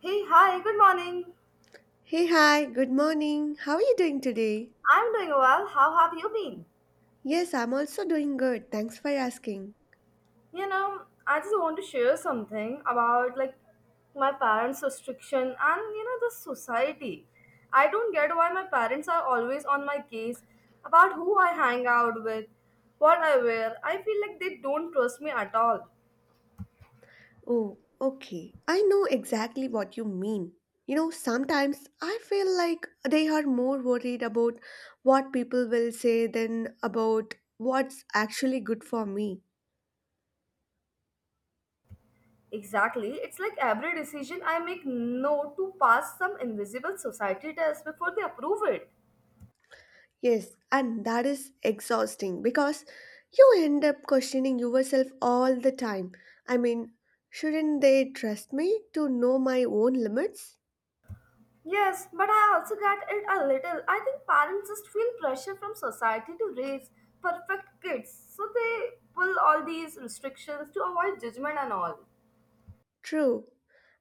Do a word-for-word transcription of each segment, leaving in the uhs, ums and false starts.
Hey, hi, good morning. Hey, hi, good morning. How are you doing today? I'm doing well. How have you been? Yes, I'm also doing good. Thanks for asking. You know, I just want to share something about like my parents' restriction and you know the society. I don't get why my parents are always on my case about who I hang out with, what I wear. I feel like they don't trust me at all. Oh, okay. I know exactly what you mean. You know, sometimes I feel like they are more worried about what people will say than about what's actually good for me. Exactly. It's like every decision I make no to pass some invisible society test before they approve it. Yes, and that is exhausting because you end up questioning yourself all the time. I mean, shouldn't they trust me to know my own limits? Yes, but I also get it a little. I think parents just feel pressure from society to raise perfect kids, so they pull all these restrictions to avoid judgment and all. True,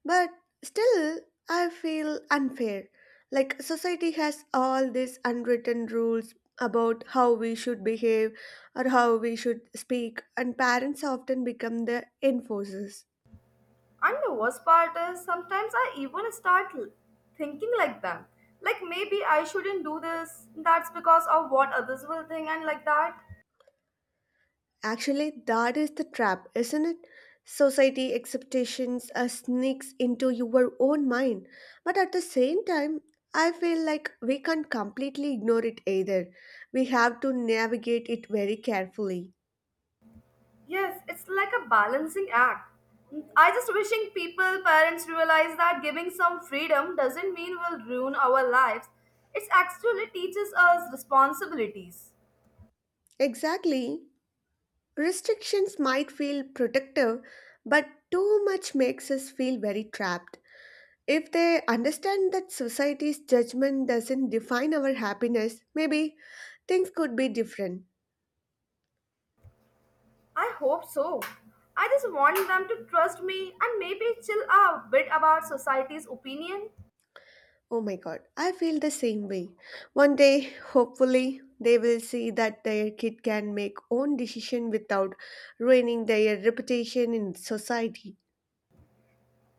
but still, I feel unfair. Like, society has all these unwritten rules about how we should behave or how we should speak, and parents often become the enforcers. And the worst part is sometimes I even start l- thinking like them. Like maybe I shouldn't do this, that's because of what others will think, and like that. Actually, that is the trap, isn't it? Society expectations uh, sneaks into your own mind, but at the same time, I feel like we can't completely ignore it either. We have to navigate it very carefully. Yes, it's like a balancing act. I just wishing people, parents realize that giving some freedom doesn't mean we'll ruin our lives. It actually teaches us responsibilities. Exactly. Restrictions might feel protective, but too much makes us feel very trapped. If they understand that society's judgment doesn't define our happiness, maybe things could be different. I hope so. I just want them to trust me and maybe chill a bit about society's opinion. Oh my god, I feel the same way. One day, hopefully, they will see that their kid can make own decision without ruining their reputation in society.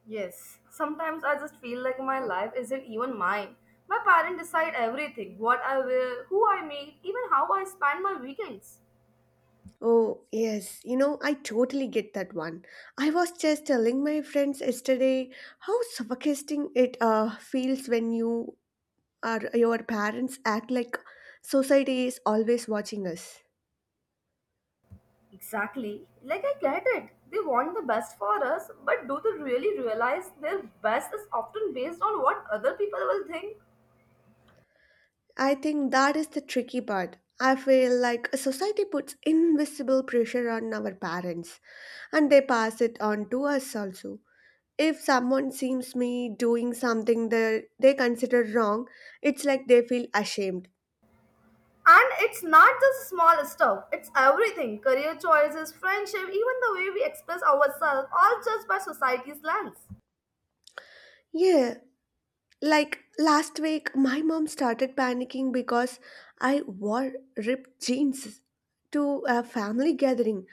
Yes, sometimes I just feel like my life isn't even mine. My parents decide everything, what I wear, who I meet, even how I spend my weekends. Oh, yes. You know, I totally get that one. I was just telling my friends yesterday how suffocating it uh, feels when you are your parents act like society is always watching us. Exactly. Like, I get it. They want the best for us, but do they really realize their best is often based on what other people will think? I think that is the tricky part. I feel like society puts invisible pressure on our parents and they pass it on to us also. If someone sees me doing something that they consider wrong, it's like they feel ashamed. And it's not just small stuff, it's everything career choices, friendship, even the way we express ourselves, all judged by society's lens. Yeah, like last week, my mom started panicking because I wore ripped jeans to a family gathering.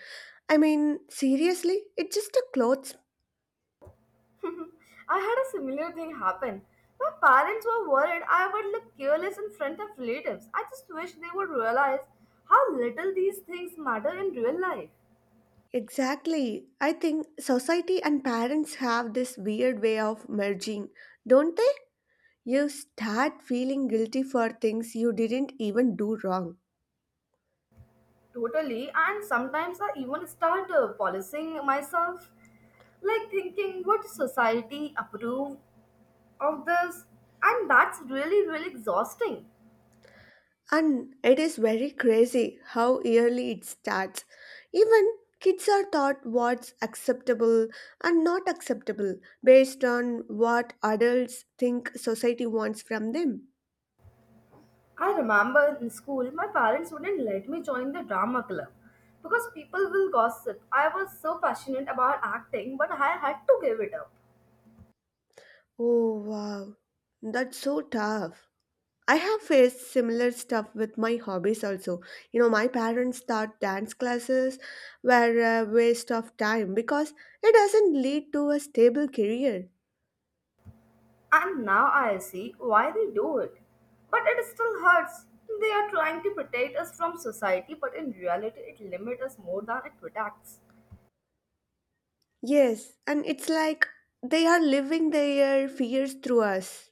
I mean, seriously, it's just a clothes. I had a similar thing happen. My parents were worried I would look careless in front of relatives. I just wish they would realize how little these things matter in real life. Exactly. I think society and parents have this weird way of merging, don't they? You start feeling guilty for things you didn't even do wrong. Totally, and sometimes I even start uh, policing myself, like thinking, would society approve of this? And that's really, really exhausting. And it is very crazy how early it starts. Even kids are taught what's acceptable and not acceptable based on what adults think society wants from them. I remember in school, my parents wouldn't let me join the drama club because people will gossip. I was so passionate about acting, but I had to give it up. Oh, wow. That's so tough. I have faced similar stuff with my hobbies also. You know, my parents thought dance classes were a waste of time because it doesn't lead to a stable career. And now I see why they do it. But it still hurts. They are trying to protect us from society, but in reality, it limits us more than it protects. Yes, and it's like they are living their fears through us.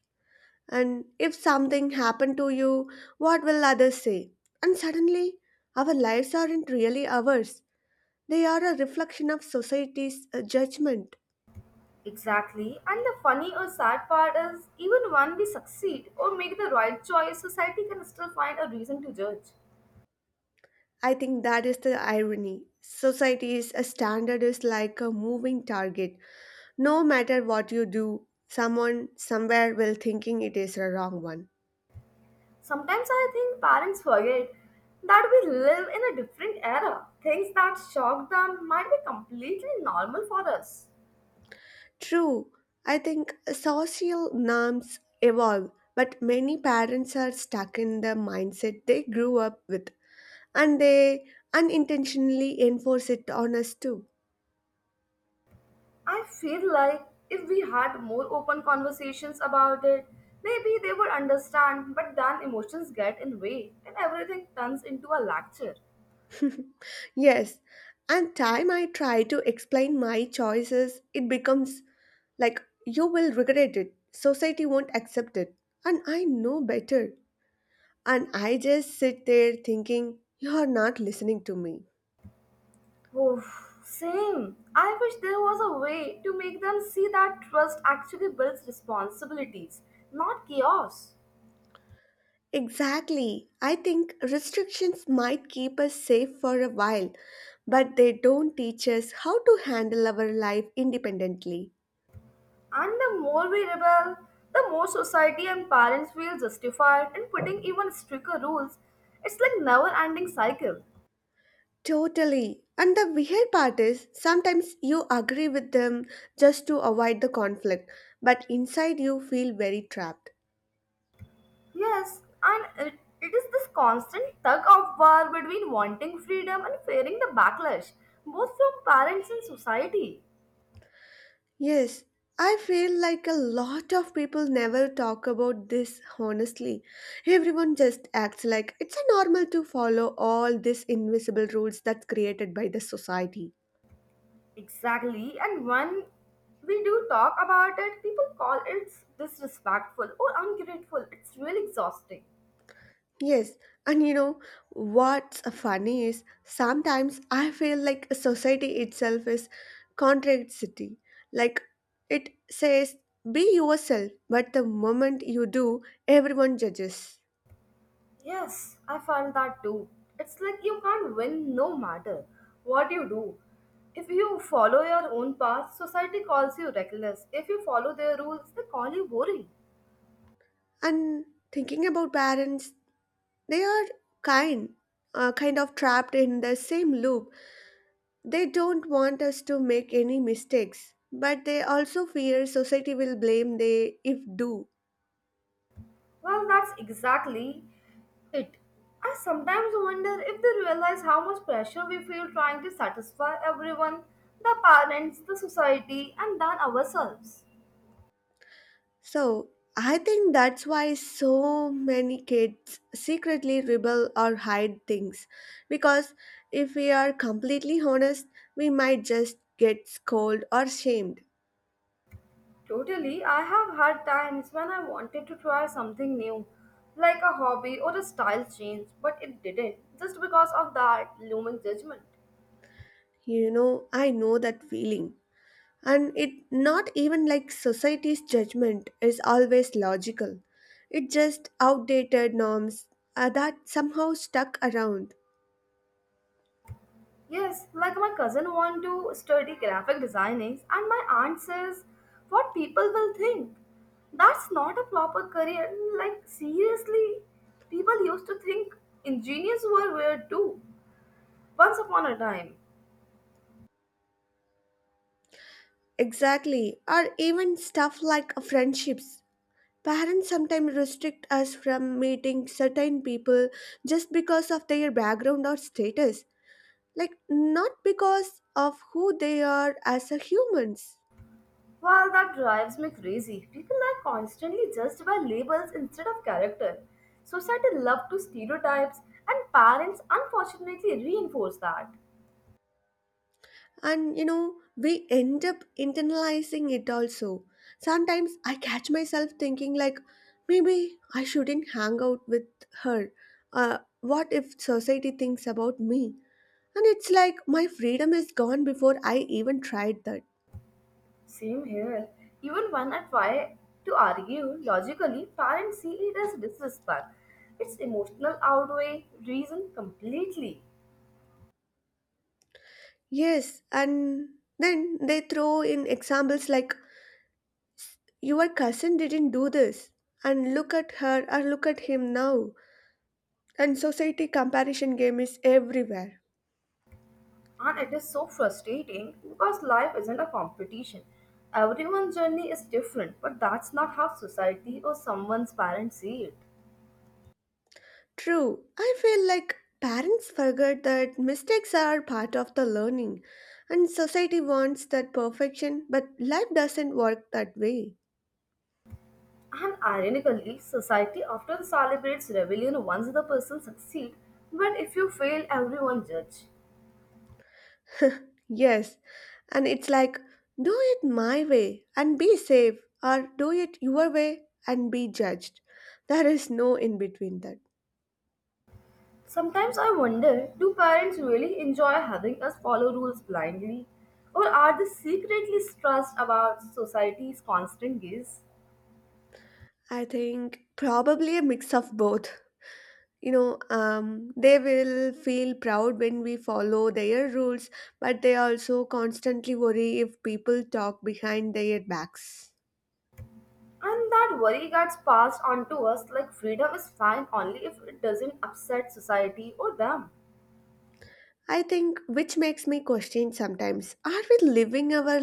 And if something happened to you, what will others say? And suddenly, our lives aren't really ours. They are a reflection of society's uh, judgment. Exactly. And the funny or sad part is, even when we succeed or make the right choice, society can still find a reason to judge. I think that is the irony. Society's uh, standard is like a moving target. No matter what you do, someone somewhere will thinking it is a wrong one. Sometimes I think parents forget that we live in a different era. Things that shock them might be completely normal for us. True, I think social norms evolve, but many parents are stuck in the mindset they grew up with and they unintentionally enforce it on us too. I feel like if we had more open conversations about it, maybe they would understand, but then emotions get in way and everything turns into a lecture. Yes, and time I try to explain my choices, it becomes like you will regret it. Society won't accept it. And I know better. And I just sit there thinking, you are not listening to me. Oof, same. I wish there was a way to make them see that trust actually builds responsibilities, not chaos. Exactly. I think restrictions might keep us safe for a while, but they don't teach us how to handle our life independently. And the more we rebel, the more society and parents feel justified in putting even stricter rules. It's like never-ending cycle. Totally. And the weird part is sometimes you agree with them just to avoid the conflict, but inside you feel very trapped. Yes, and it, it is this constant tug of war between wanting freedom and fearing the backlash, both from parents and society. Yes, I feel like a lot of people never talk about this honestly. Everyone just acts like it's a normal to follow all these invisible rules that's created by the society. Exactly. And when we do talk about it, people call it disrespectful or ungrateful. It's really exhausting. Yes, and you know what's funny is sometimes I feel like society itself is contradictory. Like it says be yourself, but the moment you do, everyone judges. Yes, I find that too. It's like you can't win no matter what you do. If you follow your own path, society calls you reckless. If you follow their rules, they call you boring. And thinking about parents, they are kind, uh, kind of trapped in the same loop. They don't want us to make any mistakes, but they also fear society will blame they if do. Well, that's exactly it. I sometimes wonder if they realize how much pressure we feel trying to satisfy everyone the parents, the society, and then ourselves. So I think that's why so many kids secretly rebel or hide things, because if we are completely honest, we might just get scolded or shamed. Totally, I have had times when I wanted to try something new, like a hobby or a style change, but it didn't, just because of that looming judgment. You know, I know that feeling. And it not even like society's judgment is always logical. It just outdated norms uh, that somehow stuck around. Yes, like my cousin want to study graphic designing, and my aunt says, "What people will think? That's not a proper career." Like seriously, people used to think engineers were weird too. Once upon a time. Exactly, or even stuff like friendships, parents sometimes restrict us from meeting certain people just because of their background or status, like not because of who they are as a humans. Well, that drives me crazy. People are constantly judged by labels instead of character. Society loves to stereotypes, and parents unfortunately reinforce that. And you know, we end up internalizing it also. Sometimes I catch myself thinking like, maybe I shouldn't hang out with her. Uh, what if society thinks about me? And it's like my freedom is gone before I even tried that. Same here. Even when I try to argue logically, parents see it as disrespect. It's emotional outweigh reason completely. Yes, and then they throw in examples like your cousin didn't do this, and look at her or look at him now. And society comparison game is everywhere. And it is so frustrating because life isn't a competition. Everyone's journey is different, but that's not how society or someone's parents see it. True, I feel like parents forget that mistakes are part of the learning, and society wants that perfection, but life doesn't work that way. And ironically, society often celebrates rebellion once the person succeeds, but if you fail, everyone judges. Yes, and it's like do it my way and be safe, or do it your way and be judged. There is no in between that. Sometimes I wonder do parents really enjoy having us follow rules blindly? Or are they secretly stressed about society's constant gaze? I think probably a mix of both. You know, um, they will feel proud when we follow their rules, but they also constantly worry if people talk behind their backs. And that worry gets passed on to us like freedom is fine only if it doesn't upset society or them. I think which makes me question sometimes, are we living our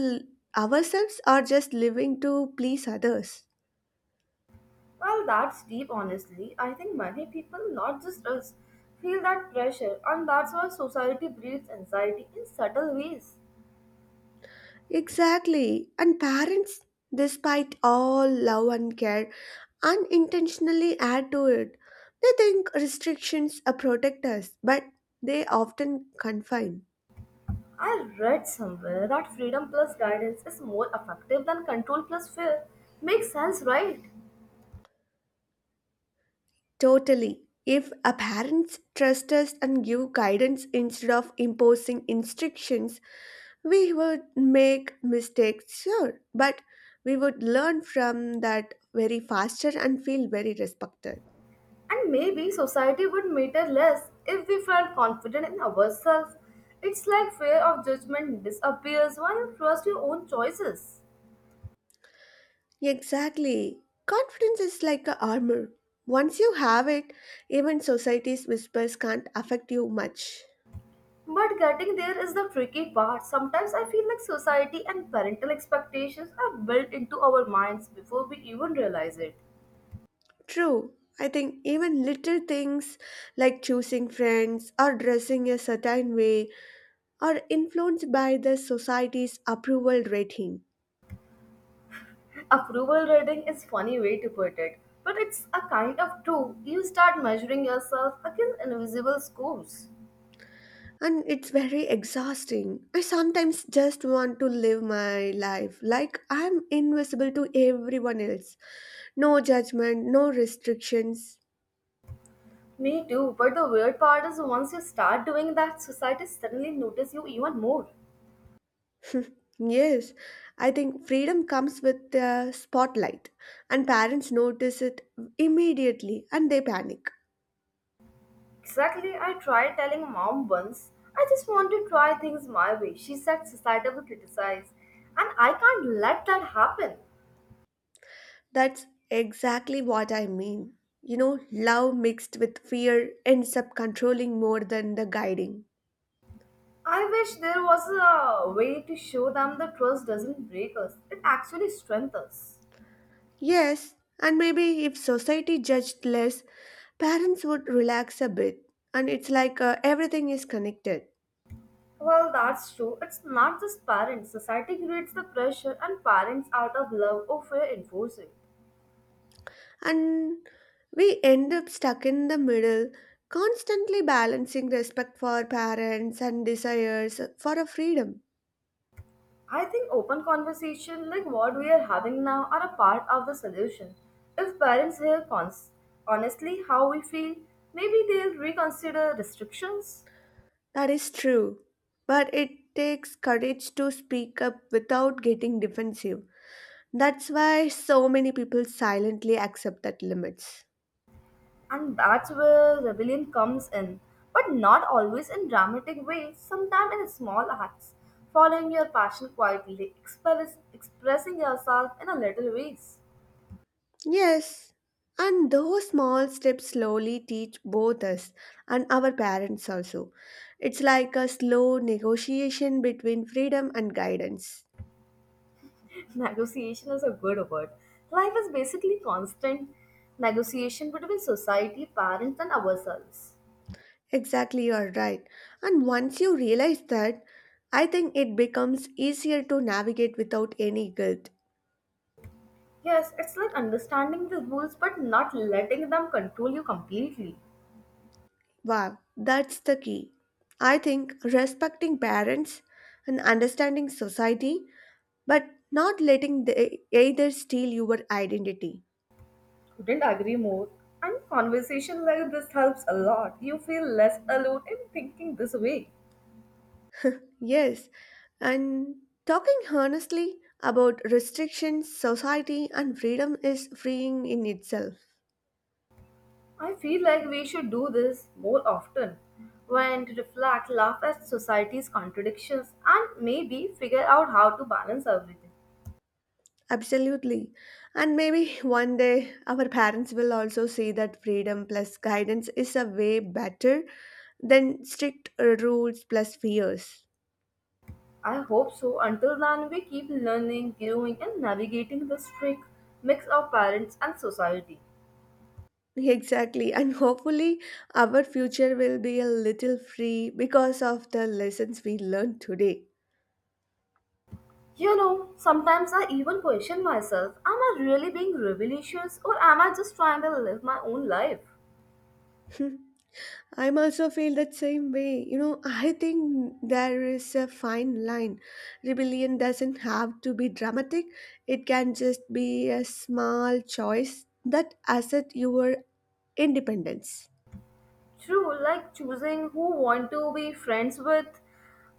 ourselves or just living to please others? Well, that's deep, honestly. I think many people, not just us, feel that pressure, and that's why society breeds anxiety in subtle ways. Exactly, and parents, despite all love and care, unintentionally add to it. They think restrictions uh, protect us, but they often confine. I read somewhere that freedom plus guidance is more effective than control plus fear. Makes sense, right? Totally. If our parents trust us and give guidance instead of imposing instructions, we would make mistakes, sure, but we would learn from that very faster and feel very respected. And maybe society would matter less if we felt confident in ourselves. It's like fear of judgment disappears when you trust your own choices. Exactly. Confidence is like a armor. Once you have it, even society's whispers can't affect you much. But getting there is the tricky part. Sometimes I feel like society and parental expectations are built into our minds before we even realize it. True. I think even little things like choosing friends or dressing a certain way are influenced by the society's approval rating. Approval rating is funny way to put it, but it's a kind of true. You start measuring yourself against invisible scores. And it's very exhausting. I sometimes just want to live my life like I'm invisible to everyone else. No judgment, no restrictions. Me too, but the weird part is once you start doing that, society suddenly notice you even more. Yes, I think freedom comes with the spotlight, and parents notice it immediately and they panic. Exactly, I tried telling mom once, I just want to try things my way. She said society will criticize, and I can't let that happen. That's exactly what I mean. You know, love mixed with fear ends up controlling more than the guiding. I wish there was a way to show them the trust doesn't break us, it actually strengthens us. Yes, and maybe if society judged less, parents would relax a bit. And it's like uh, everything is connected. Well, that's true. It's not just parents. Society creates the pressure, and parents, out of love or fear, enforce it. And we end up stuck in the middle, constantly balancing respect for parents and desires for a freedom. I think open conversation, like what we are having now, are a part of the solution. If parents hear cons- honestly how we feel, maybe they'll reconsider restrictions. That is true. But it takes courage to speak up without getting defensive. That's why so many people silently accept that limits. And that's where rebellion comes in. But not always in dramatic ways, sometimes in small acts. Following your passion quietly, express- expressing yourself in a little ways. Yes, and those small steps slowly teach both us and our parents also. It's like a slow negotiation between freedom and guidance. Negotiation is a good word. Life is basically constant negotiation between society, parents, and ourselves. Exactly, you're right. And once you realize that, I think it becomes easier to navigate without any guilt. Yes, it's like understanding the rules but not letting them control you completely. Wow, that's the key. I think respecting parents and understanding society, but not letting they either steal your identity. Couldn't agree more. And conversation like this helps a lot. You feel less alone in thinking this way. Yes, and talking honestly about restrictions, society, and freedom is freeing in itself. I feel like we should do this more often. When to reflect, laugh at society's contradictions, and maybe figure out how to balance everything. Absolutely. And maybe one day our parents will also see that freedom plus guidance is a way better than strict rules plus fears. I hope so. Until then, we keep learning, growing, and navigating this trick mix of parents and society. Exactly, and hopefully, our future will be a little free because of the lessons we learned today. You know, sometimes I even question myself am I really being rebellious or am I just trying to live my own life? I'm also feel that same way. You know, I think there is a fine line. Rebellion doesn't have to be dramatic. It can just be a small choice that asset your independence. True, like choosing who want to be friends with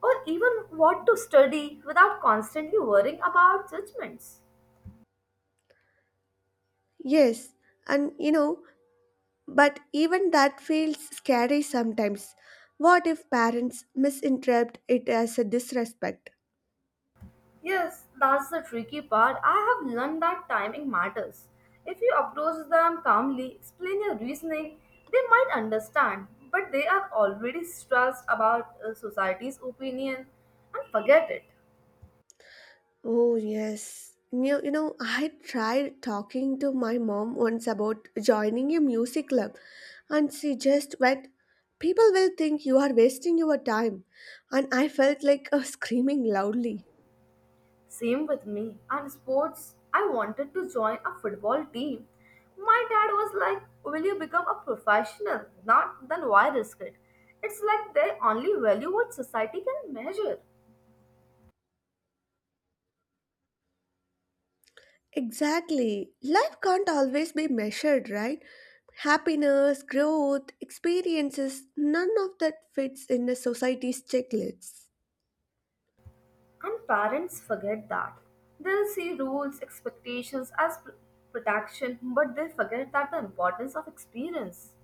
or even what to study without constantly worrying about judgments. Yes, and you know, but even that feels scary sometimes. What if parents misinterpret it as a disrespect? Yes, that's the tricky part. I have learned that timing matters. If you approach them calmly, explain your reasoning, they might understand, but they are already stressed about uh, society's opinion and forget it. Oh, yes. You, you know, I tried talking to my mom once about joining a music club, and she just went, people will think you are wasting your time. And I felt like uh, screaming loudly. Same with me. And sports, I wanted to join a football team. My dad was like, will you become a professional? Not, then why risk it? It's like they only value what society can measure. Exactly. Life can't always be measured, right? Happiness, growth, experiences, none of that fits in the society's checklists. And parents forget that. They'll see rules, expectations as pr- protection, but they forget that the importance of experience.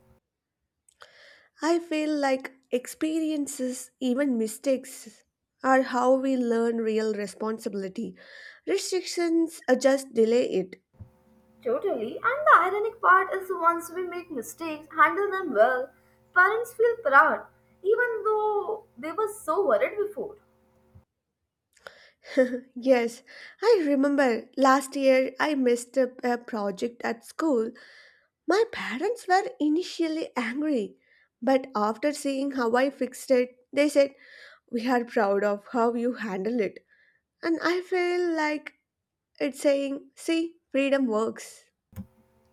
I feel like experiences, even mistakes, are how we learn real responsibility. Restrictions uh, just delay it. Totally. And the ironic part is once we make mistakes, handle them well, parents feel proud, even though they were so worried before. Yes, I remember last year I messed up a project at school. My parents were initially angry, but after seeing how I fixed it, they said, we are proud of how you handle it. And I feel like it's saying, see, freedom works.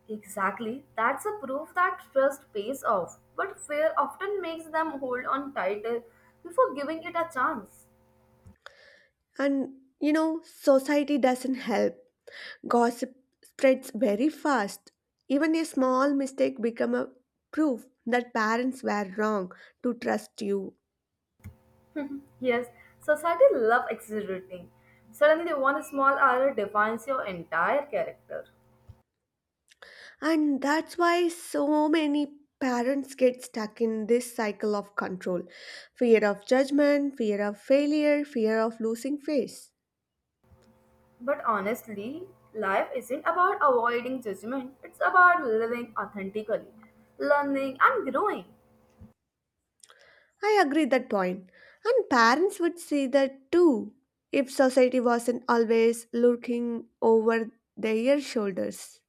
Exactly. That's a proof that trust pays off, but fear often makes them hold on tighter before giving it a chance. And you know, society doesn't help. Gossip spreads very fast. Even a small mistake become a proof that parents were wrong to trust you. Mhm. Yes, society love exaggerating. Suddenly, one small error defines your entire character. And that's why so many parents get stuck in this cycle of control. Fear of judgment, fear of failure, fear of losing face. But honestly, life isn't about avoiding judgment, it's about living authentically, learning, and growing. I agree that point. And parents would see that too if society wasn't always looking over their shoulders.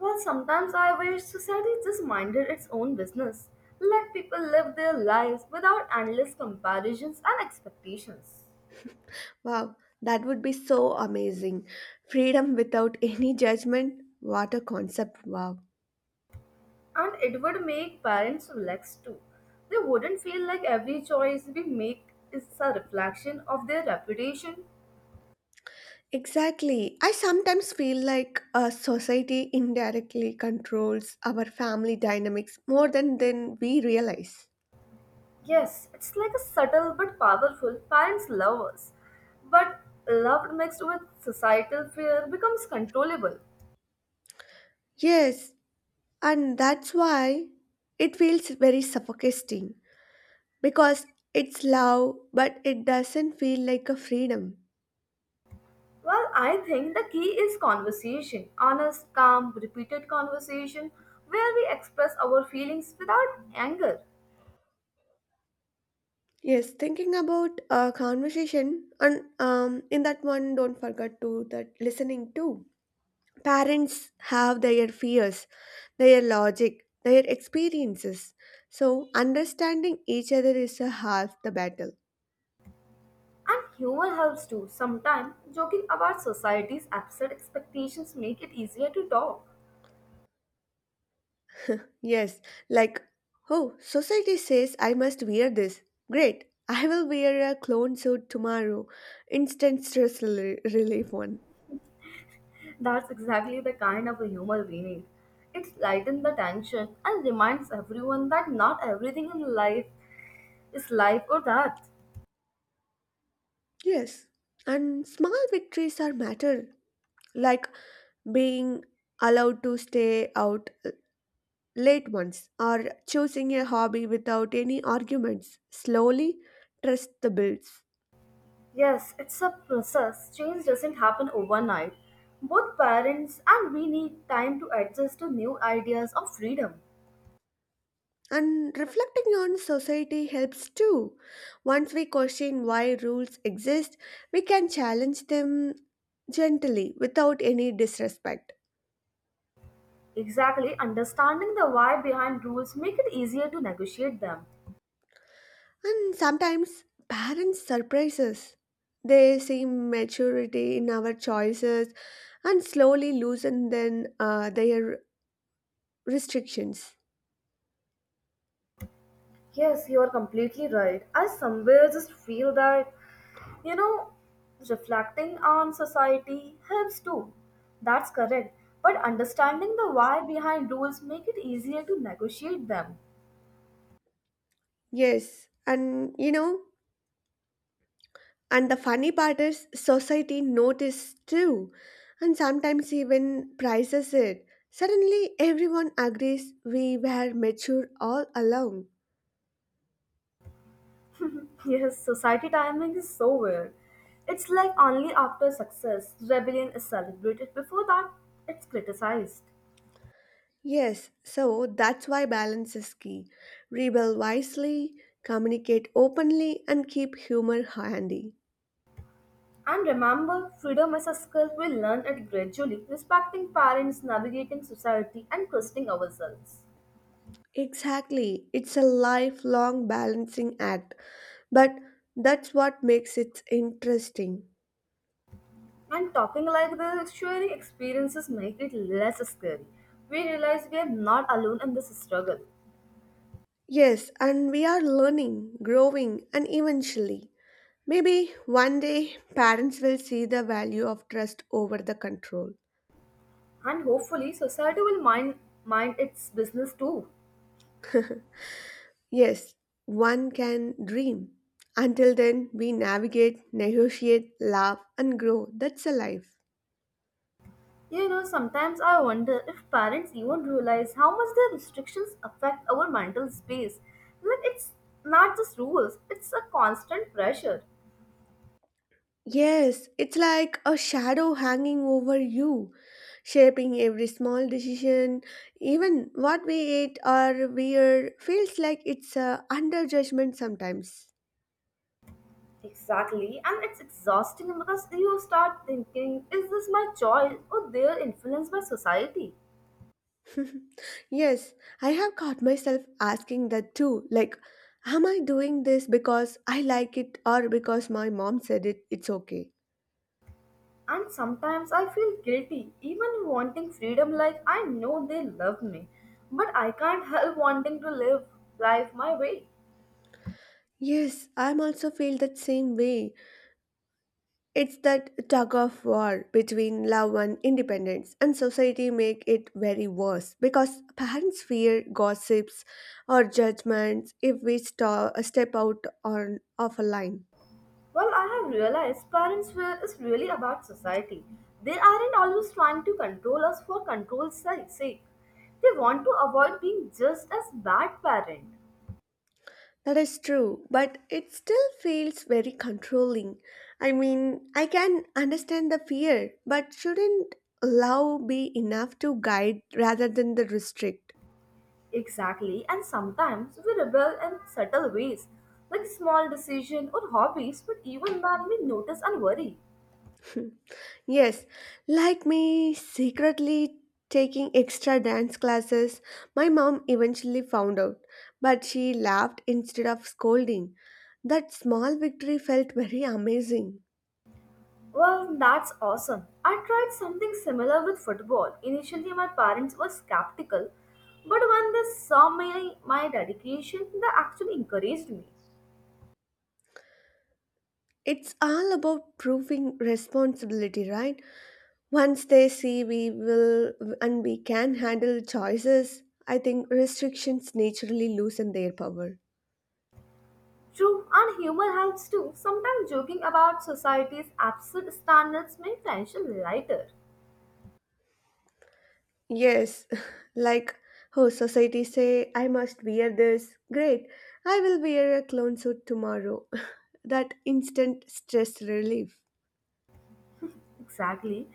Well, sometimes I wish society just minded its own business, let people live their lives without endless comparisons and expectations. Wow, that would be so amazing. Freedom without any judgment. What a concept. Wow. And it would make parents relax too. They wouldn't feel like every choice we make is a reflection of their reputation. Exactly. I sometimes feel like a society indirectly controls our family dynamics more than, than we realize. Yes, it's like a subtle but powerful parents love us. But love mixed with societal fear becomes controllable. Yes, and that's why it feels very suffocating because it's love, but it doesn't feel like a freedom. Well, I think the key is conversation, honest, calm, repeated conversation where we express our feelings without anger. Yes, thinking about a conversation, and um, in that one, don't forget to that listening too. Parents have their fears, their logic, their experiences. So understanding each other is a half the battle. And humor helps too. Sometimes joking about society's absurd expectations make it easier to talk. Yes, like oh, society says I must wear this. Great, I will wear a clone suit tomorrow. Instant stress rel- relief one. That's exactly the kind of humor we need. It lightens the tension and reminds everyone that not everything in life is life or death. Yes, and small victories are matter like being allowed to stay out uh, late once, or choosing a hobby without any arguments. Slowly, trust the builds. Yes, it's a process. Change doesn't happen overnight. Both parents and we need time to adjust to new ideas of freedom. And reflecting on society helps too. Once we question why rules exist, we can challenge them gently without any disrespect. Exactly, understanding the why behind rules make it easier to negotiate them. And sometimes parents surprise us. They see maturity in our choices and slowly loosen then uh, their restrictions. Yes, you are completely right. I somewhere just feel that, you know, reflecting on society helps too. That's correct. But understanding the why behind rules make it easier to negotiate them. Yes, and you know, and the funny part is society notices too, and sometimes even prizes it. Suddenly, everyone agrees we were mature all along. Yes, society timing is so weird. It's like only after success, rebellion is celebrated. Before that, it's criticized. Yes, so that's why balance is key. Rebel wisely, communicate openly, and keep humor handy. And remember, freedom is a skill we learn it gradually, respecting parents, navigating society, and trusting ourselves. Exactly, it's a lifelong balancing act, but that's what makes it interesting. And talking like this sharing experiences make it less scary. We realize we are not alone in this struggle. Yes, and we are learning, growing, and eventually, maybe one day, parents will see the value of trust over the control. And hopefully society will mind mind its business too. Yes, one can dream. Until then, we navigate, negotiate, laugh, and grow. That's a life. You know, sometimes I wonder if parents even realize how much their restrictions affect our mental space. Like it's not just rules, it's a constant pressure. Yes, it's like a shadow hanging over you, shaping every small decision. Even what we eat or wear feels like it's uh, under judgment sometimes. Exactly, and it's exhausting because you start thinking, is this my choice or they are influenced by society? Yes, I have caught myself asking that too. Like, am I doing this because I like it or because my mom said it, it's okay? And sometimes I feel guilty, even wanting freedom like I know they love me. But I can't help wanting to live life my way. Yes, I'm also feel that same way. It's that tug of war between love and independence, and society make it very worse because parents fear gossips or judgments if we sta step out on of a line. Well, I have realized parents' will is really about society. They aren't always trying to control us for control's si- sake. They want to avoid being just as bad parent. That is true, but it still feels very controlling. I mean, I can understand the fear, but shouldn't love be enough to guide rather than the restrict? Exactly, and sometimes we rebel in subtle ways, like small decision or hobbies, but even then we notice and worry. Yes, like me secretly taking extra dance classes, my mom eventually found out, but she laughed instead of scolding. That small victory felt very amazing. Well, that's awesome. I tried something similar with football. Initially, my parents were skeptical, but when they saw my, my dedication, they actually encouraged me. It's all about proving responsibility, right? Once they see we will and we can handle choices, I think restrictions naturally loosen their power. True, and humor helps too. Sometimes joking about society's absurd standards make tension lighter. Yes, like oh society say I must wear this. Great, I will wear a clone suit tomorrow. that instant stress relief. Exactly.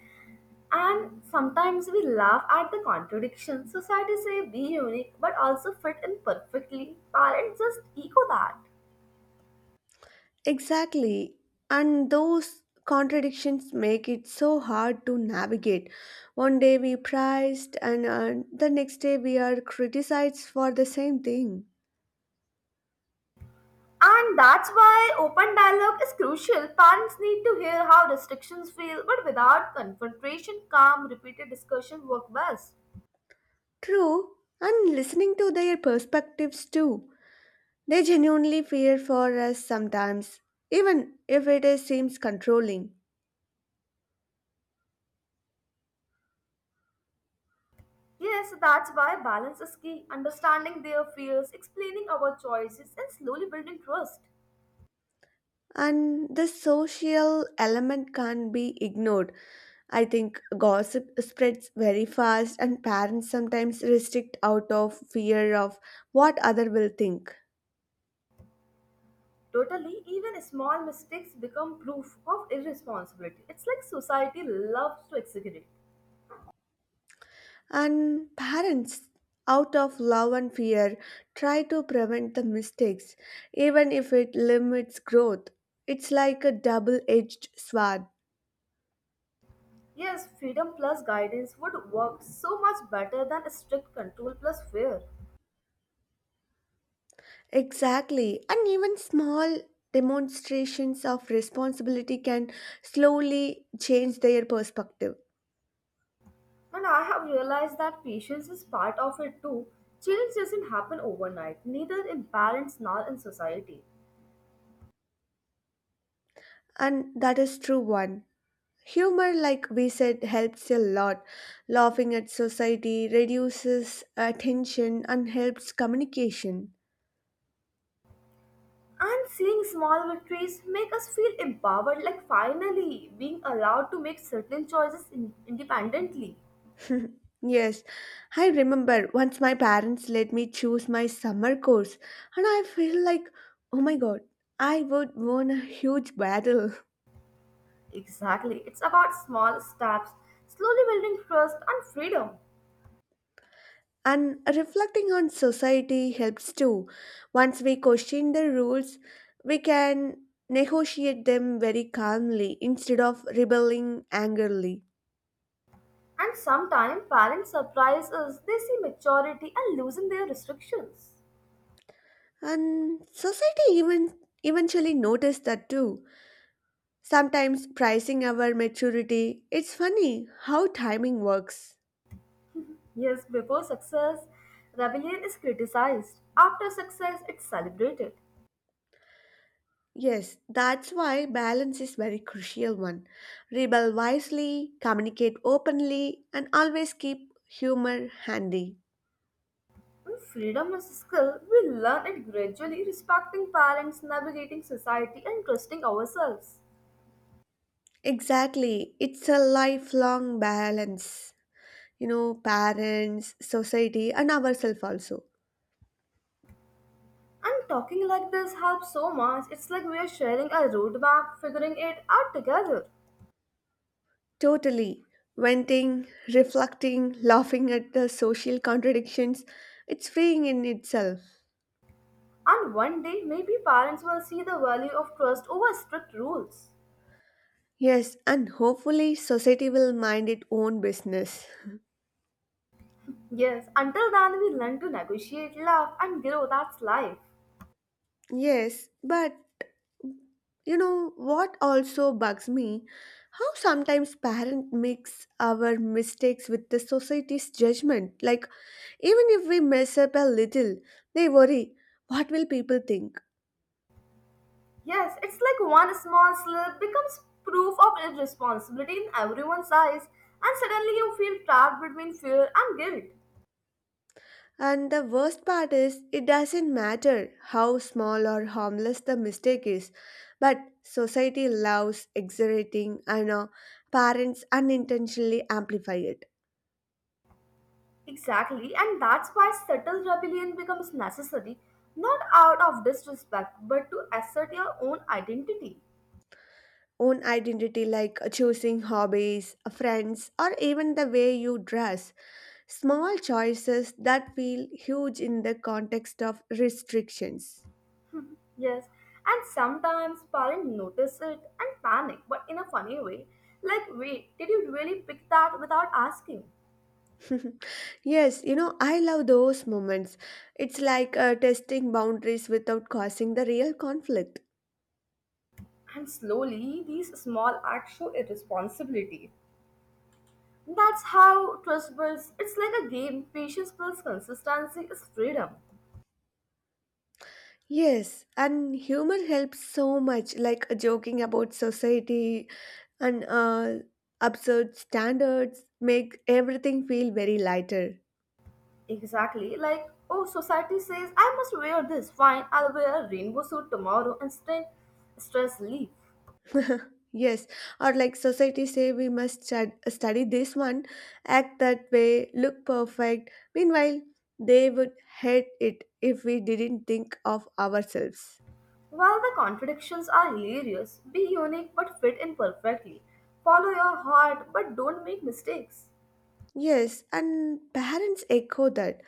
And sometimes we laugh at the contradictions. Society say be unique, but also fit in perfectly. Parents just echo that. Exactly. And those contradictions make it so hard to navigate. One day we praised and uh, the next day we are criticized for the same thing. And that's why open dialogue is crucial. Parents need to hear how restrictions feel, but without confrontation, calm, repeated discussion work best. True, and listening to their perspectives too. They genuinely fear for us sometimes, even if it is, seems controlling. Yes, that's why balance is key. Understanding their fears, explaining our choices, and slowly building trust. And the social element can't be ignored. I think gossip spreads very fast, and parents sometimes restrict out of fear of what other will think. Totally, even small mistakes become proof of irresponsibility. It's like society loves to exaggerate. And parents, out of love and fear, try to prevent the mistakes, even if it limits growth. It's like a double edged sword. Yes, freedom plus guidance would work so much better than strict control plus fear. Exactly. And even small demonstrations of responsibility can slowly change their perspective. And I have realized that patience is part of it too. Change doesn't happen overnight, neither in parents nor in society. And that is true one. Humor, like we said, helps a lot. Laughing at society reduces uh, tension and helps communication. And seeing small victories make us feel empowered, like finally being allowed to make certain choices in- independently. Yes, I remember once my parents let me choose my summer course, and I feel like, oh my god, I would won a huge battle. Exactly, it's about small steps, slowly building trust and freedom. And reflecting on society helps too. Once we question the rules, we can negotiate them very calmly instead of rebelling angrily. And sometimes parents surprise us, they see maturity and loosen their restrictions. And society even eventually noticed that too. Sometimes pricing our maturity, it's funny how timing works. Yes, before success, rebellion is criticized. After success, it's celebrated. Yes, that's why balance is very crucial one. Rebel wisely, communicate openly, and always keep humor handy. And freedom is a skill. We learn it gradually, respecting parents, navigating society, and trusting ourselves. Exactly, it's a lifelong balance. You know, parents, society, and ourselves also. And talking like this helps so much. It's like we are sharing a roadmap, figuring it out together. Totally. Venting, reflecting, laughing at the social contradictions, it's freeing in itself. And one day, maybe parents will see the value of trust over strict rules. Yes, and hopefully society will mind its own business. Yes, until then, we learn to negotiate, love, and grow. That's life. Yes, but you know what also bugs me? How sometimes parents mix our mistakes with the society's judgment. Like, even if we mess up a little, they worry, what will people think? Yes, it's like one small slip becomes proof of irresponsibility in everyone's eyes, and suddenly you feel trapped between fear and guilt. And the worst part is, it doesn't matter how small or harmless the mistake is, but society loves exaggerating and uh, parents unintentionally amplify it. Exactly, and that's why subtle rebellion becomes necessary, not out of disrespect, but to assert your own identity. Own identity, like choosing hobbies, friends, or even the way you dress, small choices that feel huge in the context of restrictions. Yes, and sometimes parents notice it and panic, but in a funny way. Like, wait, did you really pick that without asking? Yes, you know, I love those moments. It's like uh, testing boundaries without causing the real conflict. And slowly, these small acts show irresponsibility. That's how trust builds. It's like a game. Patience builds consistency is freedom. Yes, and humor helps so much, like uh, joking about society and uh, absurd standards make everything feel very lighter. Exactly. Like, oh, society says I must wear this. Fine, I'll wear a rainbow suit tomorrow and stay stress leave. Yes, or like society say we must stud- study this one, act that way, look perfect. Meanwhile, they would hate it if we didn't think of ourselves. While the contradictions are hilarious, be unique but fit in perfectly. Follow your heart but don't make mistakes. Yes, and parents echo that.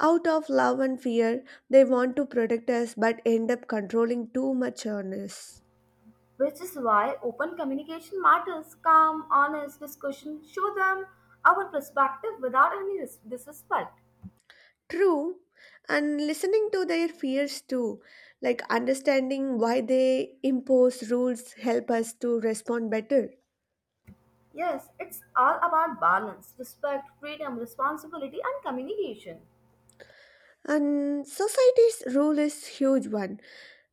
Out of love and fear, they want to protect us but end up controlling too much on us. Which is why open communication matters. Calm, honest discussion. Show them our perspective without any dis- disrespect. True, and listening to their fears too, like understanding why they impose rules help us to respond better. Yes, it's all about balance, respect, freedom, responsibility, and communication. And society's role is huge one.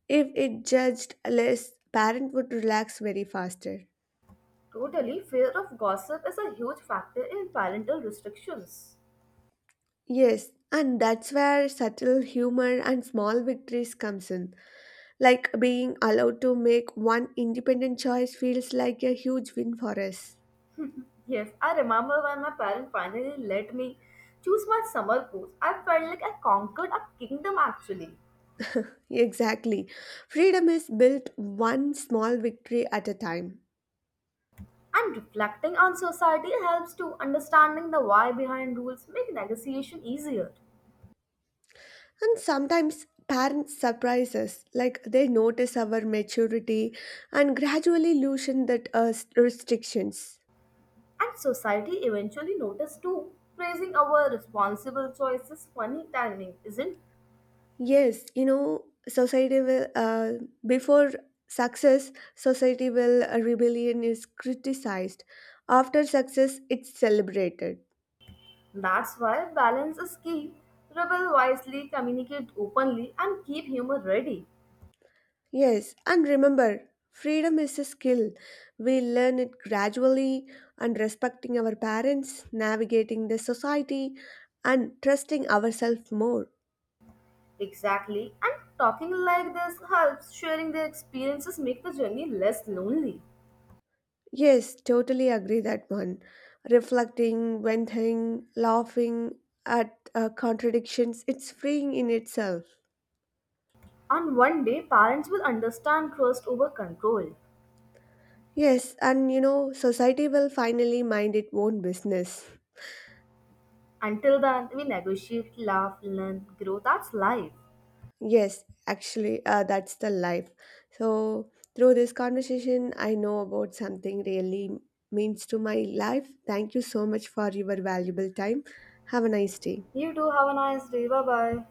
If it judged less, parent would relax very faster. Totally, fear of gossip is a huge factor in parental restrictions. Yes, and that's where subtle humor and small victories comes in. Like being allowed to make one independent choice feels like a huge win for us. Yes, I remember when my parents finally let me choose my summer course. I felt like I conquered a kingdom actually. Exactly. Freedom is built one small victory at a time. And reflecting on society helps to understanding the why behind rules make negotiation easier. And sometimes parents surprise us, like they notice our maturity and gradually loosen that uh, s- restrictions. And society eventually noticed too. Praising our responsible choices funny timing, isn't. Yes, you know, society will, uh, before success, society will, uh, rebellion is criticized. After success, it's celebrated. That's why balance is key. Rebel wisely, communicate openly, and keep humor ready. Yes, and remember, freedom is a skill. We learn it gradually and respecting our parents, navigating the society, and trusting ourselves more. Exactly. And talking like this helps sharing their experiences make the journey less lonely. Yes, totally agree that one. Reflecting, venting, laughing at uh, contradictions, it's freeing in itself. And one day, parents will understand trust over control. Yes, and you know, society will finally mind its own business. Until then, we negotiate, laugh, learn, grow. That's life. Yes, actually, uh, that's the life. So, through this conversation, I know about something really means to my life. Thank you so much for your valuable time. Have a nice day. You too. Have a nice day. Bye bye.